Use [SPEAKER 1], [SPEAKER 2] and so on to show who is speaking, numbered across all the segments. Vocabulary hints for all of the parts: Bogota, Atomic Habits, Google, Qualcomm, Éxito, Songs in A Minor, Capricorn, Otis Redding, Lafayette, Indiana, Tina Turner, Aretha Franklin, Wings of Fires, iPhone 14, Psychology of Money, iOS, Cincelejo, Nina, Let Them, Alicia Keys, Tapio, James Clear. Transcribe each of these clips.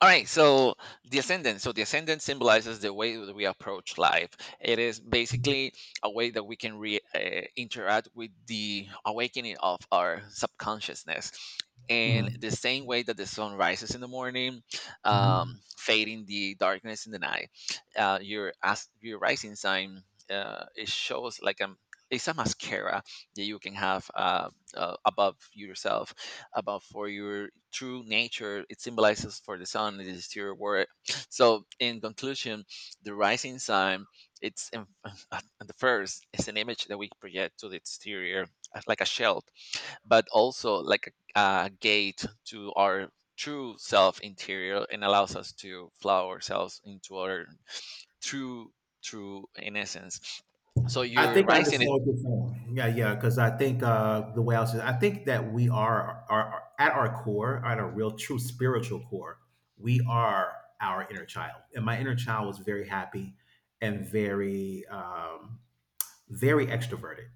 [SPEAKER 1] All right, so the ascendant. So the ascendant symbolizes the way that we approach life. It is basically a way that we can interact with the awakening of our subconsciousness. And
[SPEAKER 2] Mhm,
[SPEAKER 1] the same way that the sun rises in the morning,
[SPEAKER 2] mhm.
[SPEAKER 1] fading the darkness in the night, your rising sign it shows like a it's a mascara that you can have above yourself, above for your true nature. It symbolizes for the sun. It is your word. so in conclusion, the rising sun, it's in, at the first, is an image that we project to the exterior, like a shield, but also like a gate to our true self interior, and allows us to flow ourselves into our true true in essence. So
[SPEAKER 2] I
[SPEAKER 1] you're
[SPEAKER 2] think I
[SPEAKER 1] rising it.
[SPEAKER 2] understand what you're saying. Yeah, yeah, because I think, the way I was, I think that we are at our core, at our real, true spiritual core, we are our inner child, and my inner child was very happy and very extroverted.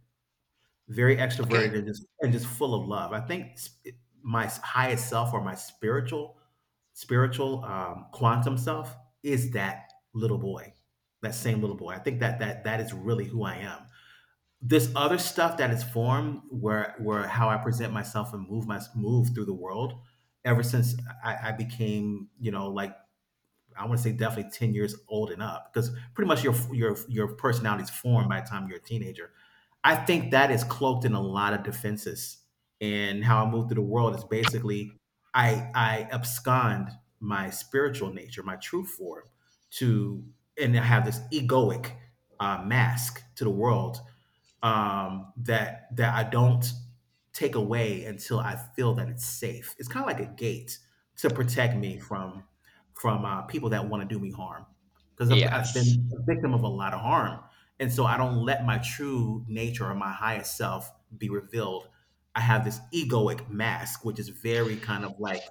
[SPEAKER 2] Very
[SPEAKER 1] Okay.
[SPEAKER 2] extroverted and just full of love. I think, s my highest self, or my spiritual quantum self, is that little boy, that same little boy. I think that that is really who I am. This other stuff that is formed, where how I present myself and move through the world ever since I became, like, I want to say definitely 10 years old and up, because pretty much your personality is formed by the time you're a teenager. I think that is cloaked in a lot of defenses. And how I move through the world is basically I abscond my spiritual nature, my true form, to and I have this egoic, mask to the world, that I don't take away until I feel that it's safe. It's kind of like a gate to protect me from people that want to do me harm, because I've
[SPEAKER 1] Yes.
[SPEAKER 2] been a victim of a lot of harm, and so I don't let my true nature or my highest self be revealed. I have this egoic mask, which is very kind of like,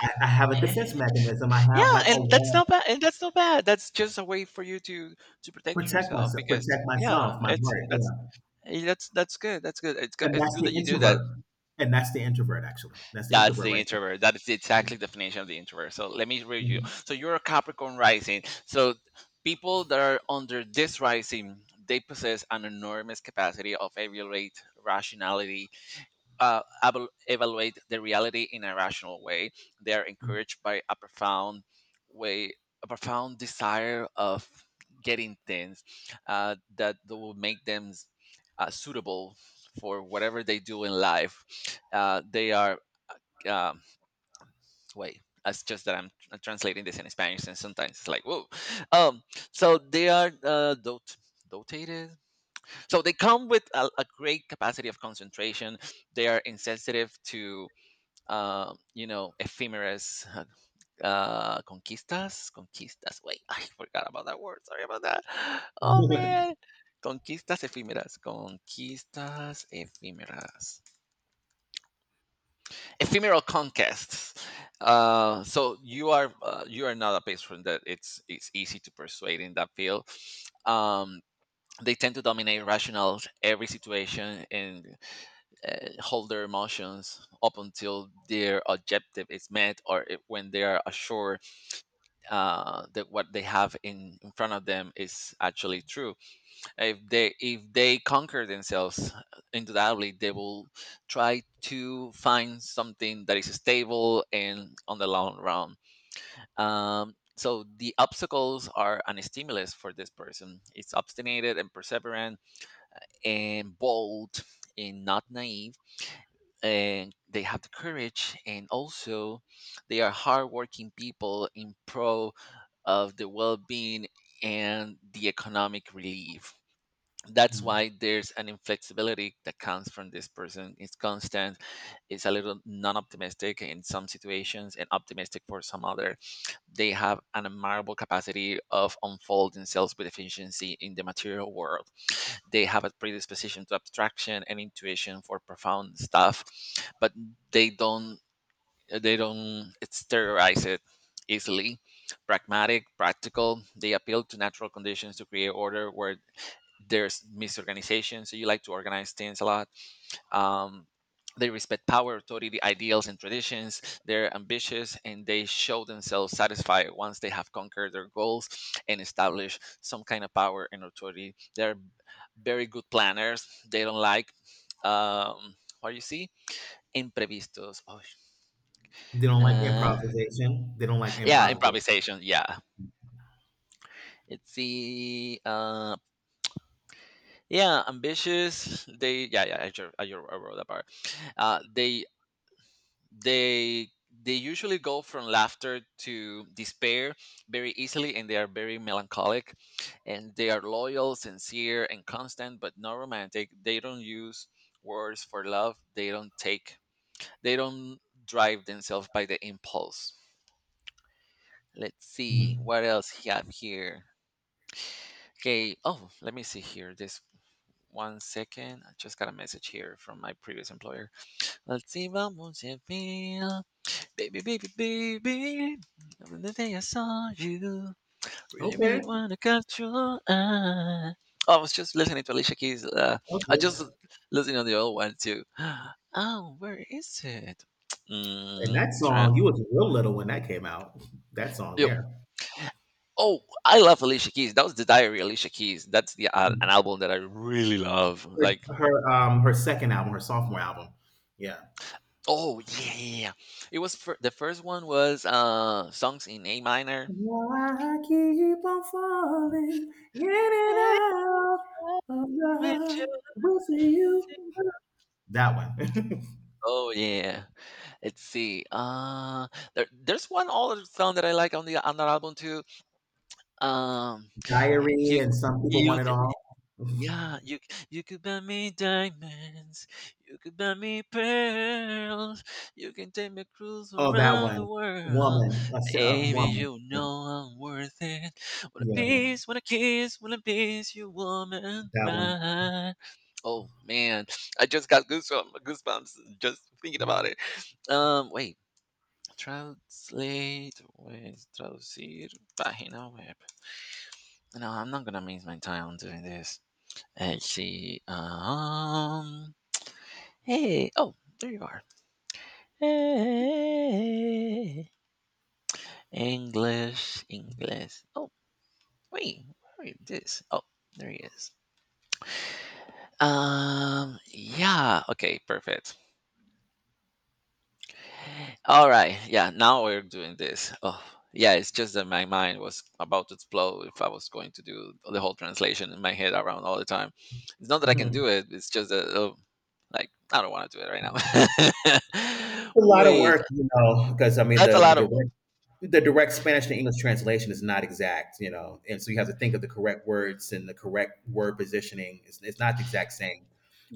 [SPEAKER 2] I have a defense mechanism. I
[SPEAKER 1] Yeah,
[SPEAKER 2] have like a
[SPEAKER 1] and that's
[SPEAKER 2] wall.
[SPEAKER 1] not bad. And that's not bad. That's just a way for you to protect
[SPEAKER 2] Protect
[SPEAKER 1] yourself,
[SPEAKER 2] myself,
[SPEAKER 1] because
[SPEAKER 2] protect myself,
[SPEAKER 1] yeah,
[SPEAKER 2] my
[SPEAKER 1] it's
[SPEAKER 2] heart.
[SPEAKER 1] that's
[SPEAKER 2] Yeah.
[SPEAKER 1] that's good. That's good. It's good.
[SPEAKER 2] And
[SPEAKER 1] It's
[SPEAKER 2] that's
[SPEAKER 1] good
[SPEAKER 2] the
[SPEAKER 1] that you do that.
[SPEAKER 2] introvert. And that's the introvert, actually. That's the
[SPEAKER 1] That's
[SPEAKER 2] introvert,
[SPEAKER 1] the
[SPEAKER 2] right?
[SPEAKER 1] introvert. That is the
[SPEAKER 2] There.
[SPEAKER 1] exactly definition of the introvert. So let me read you.
[SPEAKER 2] Mhm.
[SPEAKER 1] So you're a Capricorn rising. So people that are under this rising, they possess an enormous capacity of evaluate rationality, evaluate the reality in a rational way. They are
[SPEAKER 2] Mhm.
[SPEAKER 1] encouraged by a profound way, a profound desire of getting things that will make them suitable for whatever they do in life. They are, um, wait. It's just that I'm translating this in Spanish, and sometimes it's like whoa. Um, so they are dotated. So they come with a great capacity of concentration. They are insensitive to you know, ephemeris, conquistas, conquistas. Wait, I forgot about that word. Sorry about that. Oh man, conquistas efímeras, ephemeral conquests. So you are not a patron that it's easy to persuade in that field. Um, they tend to dominate rational every situation, and hold their emotions up until their objective is met, or it, when they are assured that what they have in front of them is actually true. If they conquer themselves, undoubtedly they will try to find something that is stable and on the long run. So the obstacles are an stimulus for this person. It's obstinate, and perseverant, and bold, and not naive, and they have the courage, and also they are hardworking people in pro of the well-being and the economic relief. That's
[SPEAKER 2] Mm.
[SPEAKER 1] why there's an inflexibility that comes from this person. It's constant. It's a little non-optimistic in some situations and optimistic for some other. They have an admirable capacity of unfolding themselves with efficiency in the material world. They have a predisposition to abstraction and intuition for profound stuff, but they don't they don't exteriorize it easily. Pragmatic, practical, they appeal to natural conditions to create order where there's misorganization. So you like to organize things a lot. um, they respect power, authority, ideals, and traditions. They're ambitious and they show themselves satisfied once they have conquered their goals and established some kind of power and authority. They're very good planners. They don't like, um, what you see? Imprevistos.
[SPEAKER 2] They don't like
[SPEAKER 1] Uh,
[SPEAKER 2] improvisation. They don't like
[SPEAKER 1] yeah,
[SPEAKER 2] improvisation.
[SPEAKER 1] improvisation. Yeah. It's the, yeah, ambitious. They, yeah, yeah, I, I wrote that part. Uh, they they they usually go from laughter to despair very easily, and they are very melancholic, and they are loyal, sincere, and constant, but not romantic. They don't use words for love. They don't take, they don't drive themselves by the impulse. Let's see
[SPEAKER 2] Mhm.
[SPEAKER 1] what else he have here. Okay. Oh, let me see here. This one second, I just got a message here from my previous employer. Let's see, vamos a ver. Baby, baby, baby, from the day I saw you, really,
[SPEAKER 2] Okay,
[SPEAKER 1] really wanna catch your eye. Oh, I was just listening to Alicia Keys. I
[SPEAKER 2] okay.
[SPEAKER 1] just listened on the old one too. Oh, where is it?
[SPEAKER 2] And
[SPEAKER 1] Mm,
[SPEAKER 2] that
[SPEAKER 1] try.
[SPEAKER 2] song, you was real little when that came out. That song
[SPEAKER 1] Yo,
[SPEAKER 2] there.
[SPEAKER 1] oh, I love Alicia Keys. That was the Diary Alicia Keys. That's the an
[SPEAKER 2] Her,
[SPEAKER 1] album that I really love. Like,
[SPEAKER 2] her second album, her sophomore album. Yeah.
[SPEAKER 1] oh yeah, yeah, yeah. It was the first one was Songs in A Minor.
[SPEAKER 2] Why I keep on falling in and
[SPEAKER 1] Eh,
[SPEAKER 2] out of
[SPEAKER 1] with you.
[SPEAKER 2] love with you. That one.
[SPEAKER 1] Oh yeah. Let's see. There's one other song that I like on the on that album too. Um,
[SPEAKER 2] Diary
[SPEAKER 1] you
[SPEAKER 2] and Some People
[SPEAKER 1] you
[SPEAKER 2] Want It
[SPEAKER 1] c-
[SPEAKER 2] All.
[SPEAKER 1] you could buy me diamonds, you could buy me pearls, you can take me cruise
[SPEAKER 2] Oh, that
[SPEAKER 1] around the
[SPEAKER 2] one.
[SPEAKER 1] world,
[SPEAKER 2] Woman. I said,
[SPEAKER 1] baby.
[SPEAKER 2] woman.
[SPEAKER 1] You
[SPEAKER 2] Yeah.
[SPEAKER 1] know I'm worth it. Want a
[SPEAKER 2] Yeah.
[SPEAKER 1] piece, want a kiss, wanna piece you, woman,
[SPEAKER 2] That one.
[SPEAKER 1] right? Oh man, I just got goosebumps, goosebumps just thinking about it. Wait. Translate with traducir página web. No, I'm not gonna miss my time doing this. Let's see. Hey. Oh, there you are. Hey. English. English. Oh, wait. Where is this? Oh, there he is. Yeah. Okay. Perfect. All right. Yeah. Now we're doing this. Oh, yeah. It's just that my mind was about to explode if I was going to do the whole translation in my head around all the time. It's not that I can
[SPEAKER 2] Mhm.
[SPEAKER 1] do it. It's just that, oh, like, I don't want to do it right now.
[SPEAKER 2] A lot of
[SPEAKER 1] Wait.
[SPEAKER 2] work, you know, because I mean,
[SPEAKER 1] That's a
[SPEAKER 2] the, the
[SPEAKER 1] lot of.
[SPEAKER 2] director the direct Spanish to English translation is not exact, you know, and so you have to think of the correct words and the correct word positioning. It's not the exact same.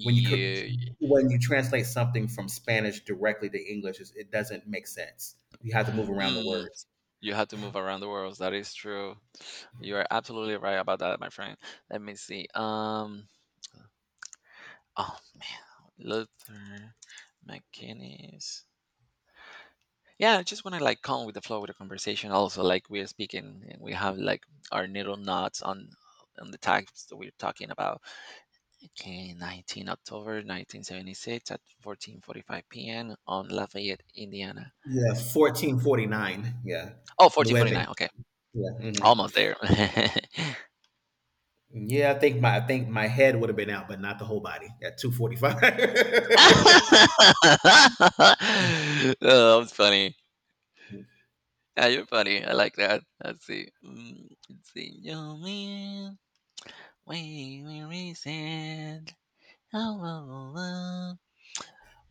[SPEAKER 2] When you co- when you translate something from Spanish directly to English, it doesn't make sense. You have to move around the
[SPEAKER 1] Mm,
[SPEAKER 2] words.
[SPEAKER 1] you had to move around the world. That is true. You are absolutely right about that, my friend. Let me see. Oh man, Luther McKinney's. Yeah, just want to like come with the flow of the conversation. Also, like we are speaking, and we have like our little knots on the types that we're talking about. Okay, 19 October 1976 at 14:45 p.m. on Lafayette, Indiana.
[SPEAKER 2] Yeah, 14:49. Yeah,
[SPEAKER 1] Oh, fourteen forty
[SPEAKER 2] nueve.
[SPEAKER 1] nine. Okay,
[SPEAKER 2] Yeah,
[SPEAKER 1] almost there.
[SPEAKER 2] yeah. I think my head would have been out, but not the whole body at 2:45.
[SPEAKER 1] oh, that's funny. Yeah, you're funny. I like that. Let's see. Mm, let's see. Your man, we reset. Oh, oh, oh, oh.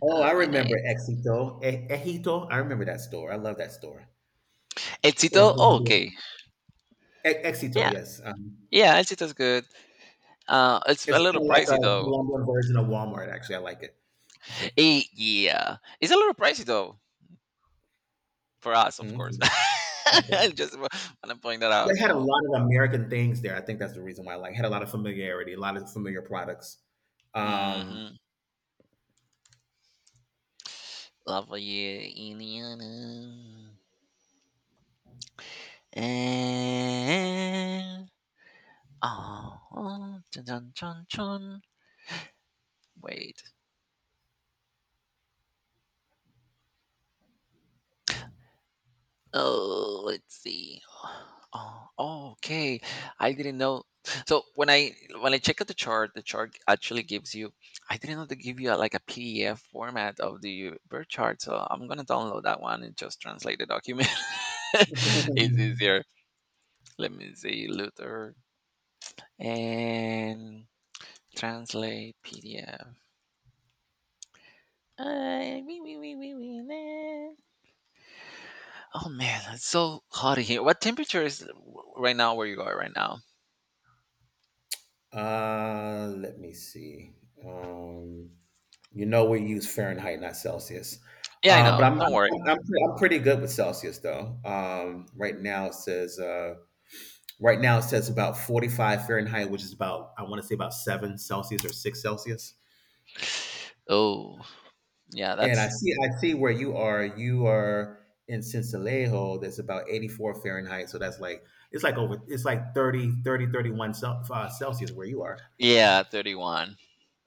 [SPEAKER 2] Oh, I remember
[SPEAKER 1] Unite.
[SPEAKER 2] Exito. Ejito. I remember that store. I love that store. In
[SPEAKER 1] Éxito, oh,
[SPEAKER 2] Colombia.
[SPEAKER 1] okay.
[SPEAKER 2] Éxito,
[SPEAKER 1] Yeah,
[SPEAKER 2] yes. Um,
[SPEAKER 1] yeah, Éxito's good. It's a
[SPEAKER 2] it's
[SPEAKER 1] little
[SPEAKER 2] kind of like
[SPEAKER 1] pricey
[SPEAKER 2] a
[SPEAKER 1] though.
[SPEAKER 2] Colombian version of Walmart, actually. I like it.
[SPEAKER 1] Yeah, it's a little pricey though for us, of course.
[SPEAKER 2] Mhm. Okay.
[SPEAKER 1] I just want to point that out.
[SPEAKER 2] They had a lot of American things there. I think that's the reason why I like had a lot of familiarity, a lot of familiar products. Um,
[SPEAKER 1] Mm-hmm. Love you, Indiana. And oh, dun, dun, dun, dun. Wait. Oh, let's see. Oh, oh, okay. I didn't know. So when I check out the chart actually gives you. I didn't know they give you a, like a PDF format of the birth chart. So I'm gonna download that one and just translate the document. It's easier. Let me see, Luther and translate PDF. Wee, wee, wee, wee, wee, nah. Oh man, it's so hot in here. What temperature is right now where you are right now?
[SPEAKER 2] let me see. Um, you know we use Fahrenheit, not Celsius.
[SPEAKER 1] Yeah, I
[SPEAKER 2] Um, but
[SPEAKER 1] know.
[SPEAKER 2] I'm
[SPEAKER 1] Don't
[SPEAKER 2] I'm,
[SPEAKER 1] worry.
[SPEAKER 2] I'm, I'm pretty good with Celsius though. Right now, it says about 45 Fahrenheit, which is about, I want to say, about seven Celsius or six Celsius.
[SPEAKER 1] Oh, yeah,
[SPEAKER 2] And
[SPEAKER 1] that's
[SPEAKER 2] I see where you are. You are in Cincelejo. That's about 84 Fahrenheit. So that's like it's like over it's like 31 Celsius where you are.
[SPEAKER 1] yeah, 31.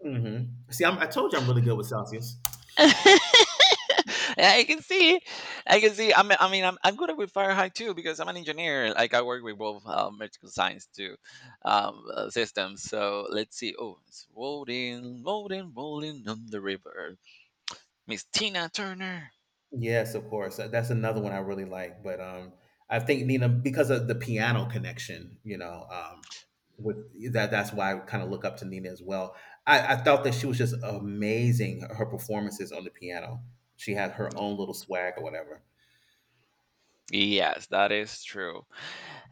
[SPEAKER 2] hmm See, I told you I'm really good with Celsius.
[SPEAKER 1] Yeah, I can see, I can see. I'm, I mean, I'm good with Fahrenheit too because I'm an engineer. Like I work with both medical science too, systems. So let's see. Oh, it's rolling, rolling, rolling on the river. Miss Tina Turner.
[SPEAKER 2] Yes, of course. That's another one I really like. But I think Nina, because of the piano connection, with that, that's why I kind of look up to Nina as well. I thought that she was just amazing. Her performances on the piano. She had her own little swag or whatever.
[SPEAKER 1] Yes, that is true.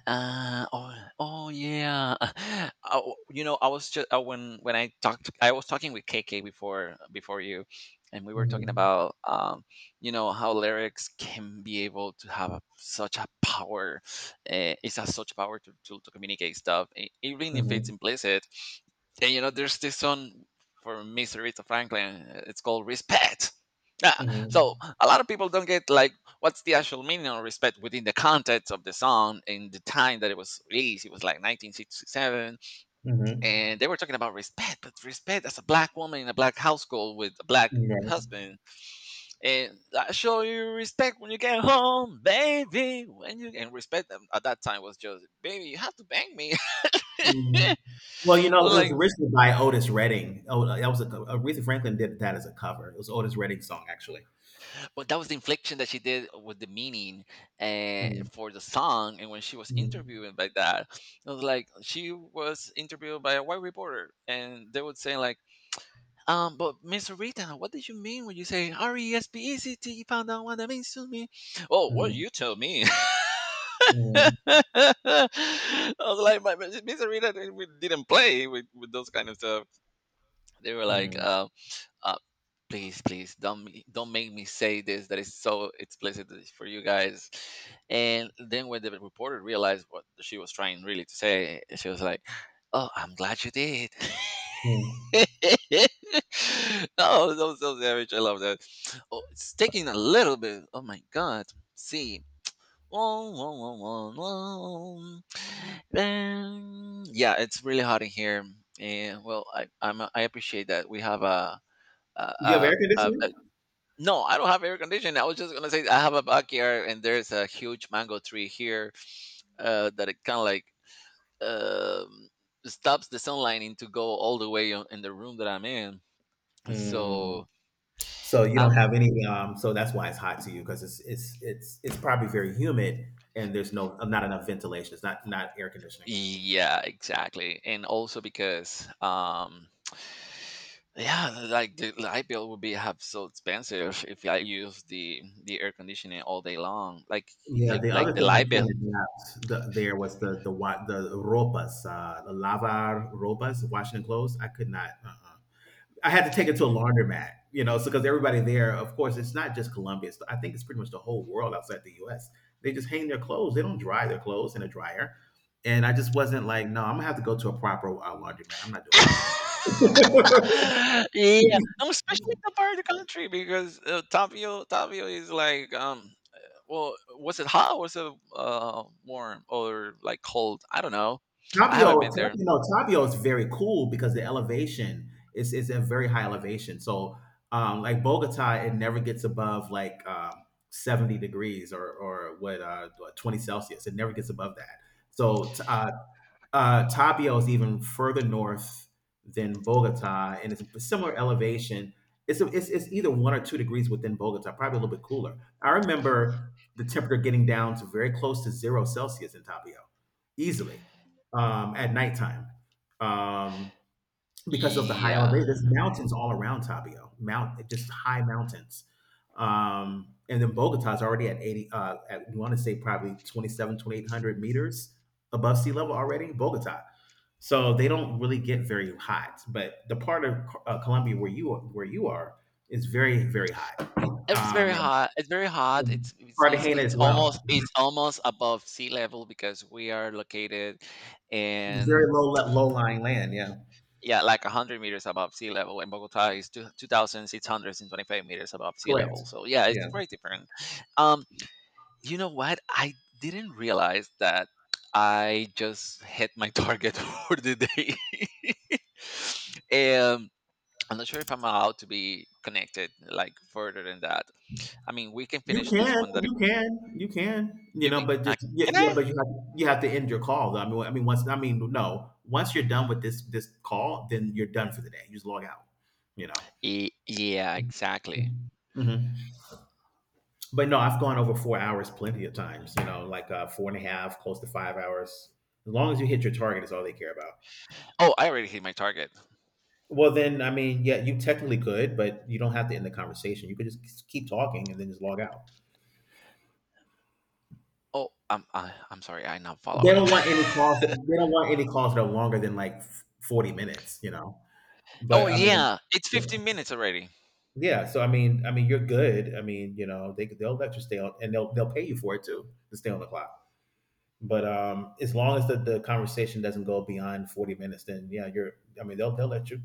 [SPEAKER 1] Uh, oh, oh yeah. Oh, you know, I was just when I talked, I was talking with KK before you, and we were talking
[SPEAKER 2] Hmm.
[SPEAKER 1] about, you know, how lyrics can be able to have a, such a power. It has such power to communicate stuff, even if it's
[SPEAKER 2] Hmm.
[SPEAKER 1] implicit. And you know, there's this song for Miss Aretha Franklin. It's called "Respect." Yeah, so
[SPEAKER 2] Hmm.
[SPEAKER 1] a lot of people don't get like, what's the actual meaning of respect within the context of the song and the time that it was released? It was like 1967, and they were talking about respect, but respect as a black woman in a black household with a black
[SPEAKER 2] Hmm.
[SPEAKER 1] husband, and I show you respect when you get home, baby. When you, and respect at that time was just, baby, you have to bang me.
[SPEAKER 2] Mhm. Well, it was
[SPEAKER 1] like,
[SPEAKER 2] originally by Otis Redding. Oh, that was a co Aretha Franklin did that as a cover. It was Otis Redding's song, actually.
[SPEAKER 1] but that was the inflection that she did with the meaning
[SPEAKER 2] Mhm,
[SPEAKER 1] for the song. And when she was
[SPEAKER 2] mhm,
[SPEAKER 1] interviewing by that, it was like she was interviewed by a white reporter, and they would say like, but Miss Rita, what did you mean when you say RESPECT? You found out what that means to me. Oh, what
[SPEAKER 2] mhm,
[SPEAKER 1] you tell me?
[SPEAKER 2] mhm,
[SPEAKER 1] I was like, my, Miss Rita didn't, we didn't play with those kind of stuff. They were like,
[SPEAKER 2] mhm,
[SPEAKER 1] please, please don't don't make me say this that is so explicit for you guys. And then when the reporter realized what she was trying really to say, she was like, oh, I'm glad you did.
[SPEAKER 2] mhm.
[SPEAKER 1] oh, so so savage, I love that. Oh, it's taking a little bit, oh my god. See, Wong, wong, wong, wong, wong. Then, yeah, it's really hot in here, and well, I appreciate that we have a a,
[SPEAKER 2] You have
[SPEAKER 1] a,
[SPEAKER 2] air
[SPEAKER 1] a
[SPEAKER 2] conditioning?
[SPEAKER 1] no, I don't have air conditioning. I was just gonna say I have a backyard and there's a huge mango tree here that it kind of like, um, stops the sunlight in to go all the way on, in the room that I'm in.
[SPEAKER 2] Mm.
[SPEAKER 1] So
[SPEAKER 2] So you don't
[SPEAKER 1] I'm.
[SPEAKER 2] have any. So that's why it's hot to you, because it's probably very humid, and there's no, not enough ventilation. It's not air conditioning.
[SPEAKER 1] Yeah, exactly, and also because, yeah, like the light bill would be have so expensive if I use the air conditioning all day long. Like,
[SPEAKER 2] Yeah. The
[SPEAKER 1] like
[SPEAKER 2] other
[SPEAKER 1] the
[SPEAKER 2] thing I
[SPEAKER 1] light bill.
[SPEAKER 2] couldn't adapt, the, there was the ropas, the lavar ropas, washing clothes. I could not. Uh-uh. I had to take it to a laundromat. You know, so because everybody there, of course, it's not just Colombia. I think it's pretty much the whole world outside the U.S. They just hang their clothes. They don't dry their clothes in a dryer. And I just wasn't like, no, I'm gonna have to go to a proper, laundromat. I'm not doing this.
[SPEAKER 1] Yeah, especially the part of the country because Tapio is like well, was it hot or was it warm or like cold? I don't know. I
[SPEAKER 2] Tapio,
[SPEAKER 1] haven't been there.
[SPEAKER 2] You know, Tapio is very cool because the elevation is a very high elevation. So, like Bogota, it never gets above like, 70 degrees, or what, 20 Celsius. It never gets above that. So, Tapio is even further north than Bogota, and it's a similar elevation. It's, a, it's it's either 1 or 2 degrees within Bogota, probably a little bit cooler. I remember the temperature getting down to very close to zero Celsius in Tapio, easily, at nighttime, um, because of the high
[SPEAKER 1] Yeah.
[SPEAKER 2] elevation. There's mountains all around Tapio, mount just high mountains. And then Bogota is already at 80, you want to say probably 27, 2,800 meters above sea level already, Bogota, so they don't really get very hot. But the part of, Colombia, where you are, is very, very hot,
[SPEAKER 1] It's very
[SPEAKER 2] um, and,
[SPEAKER 1] hot. It's very hot.
[SPEAKER 2] and
[SPEAKER 1] It's it's it's,
[SPEAKER 2] Cartagena
[SPEAKER 1] it's
[SPEAKER 2] as
[SPEAKER 1] almost
[SPEAKER 2] well.
[SPEAKER 1] it's almost above sea level because we are located
[SPEAKER 2] Very
[SPEAKER 1] in.
[SPEAKER 2] low, low lying land. Yeah,
[SPEAKER 1] Yeah, like 100 meters above sea level, and Bogota is 2,625 meters above sea
[SPEAKER 2] correct.
[SPEAKER 1] level. So yeah, it's
[SPEAKER 2] Yeah,
[SPEAKER 1] very different. Um, you know what? I didn't realize that I just hit my target for the day. um, I'm not sure if I'm allowed to be connected like further than that. I mean, we can
[SPEAKER 2] you
[SPEAKER 1] finish
[SPEAKER 2] can,
[SPEAKER 1] this one. That if
[SPEAKER 2] you can, you can. You
[SPEAKER 1] you
[SPEAKER 2] know,
[SPEAKER 1] make,
[SPEAKER 2] but just, yeah,
[SPEAKER 1] can
[SPEAKER 2] yeah,
[SPEAKER 1] I?
[SPEAKER 2] but you have to end your call. Though. No, once you're done with this call, then you're done for the day. You just log out. You know.
[SPEAKER 1] Yeah, exactly.
[SPEAKER 2] Mhm. But no, I've gone over 4 hours plenty of times. You know, like, four and a half, close to 5 hours. As long as you hit your target, is all they care about.
[SPEAKER 1] Oh, I already hit my target.
[SPEAKER 2] Well, then, I mean, yeah, you technically could, but you don't have to end the conversation. You could just keep talking and then just log out.
[SPEAKER 1] Oh, I'm I'm sorry. I'm not
[SPEAKER 2] They
[SPEAKER 1] following.
[SPEAKER 2] don't want any calls. They don't want any calls that are longer than like 40 minutes. You know,
[SPEAKER 1] Oh
[SPEAKER 2] but I mean,
[SPEAKER 1] yeah, it's
[SPEAKER 2] yeah.
[SPEAKER 1] 15 minutes already.
[SPEAKER 2] Yeah. So I mean, you're good. I mean, you know, they'll let you stay on, and they'll pay you for it too to stay on the clock. But, as long as the conversation doesn't go beyond 40 minutes, then yeah, you're, I mean, they'll let you.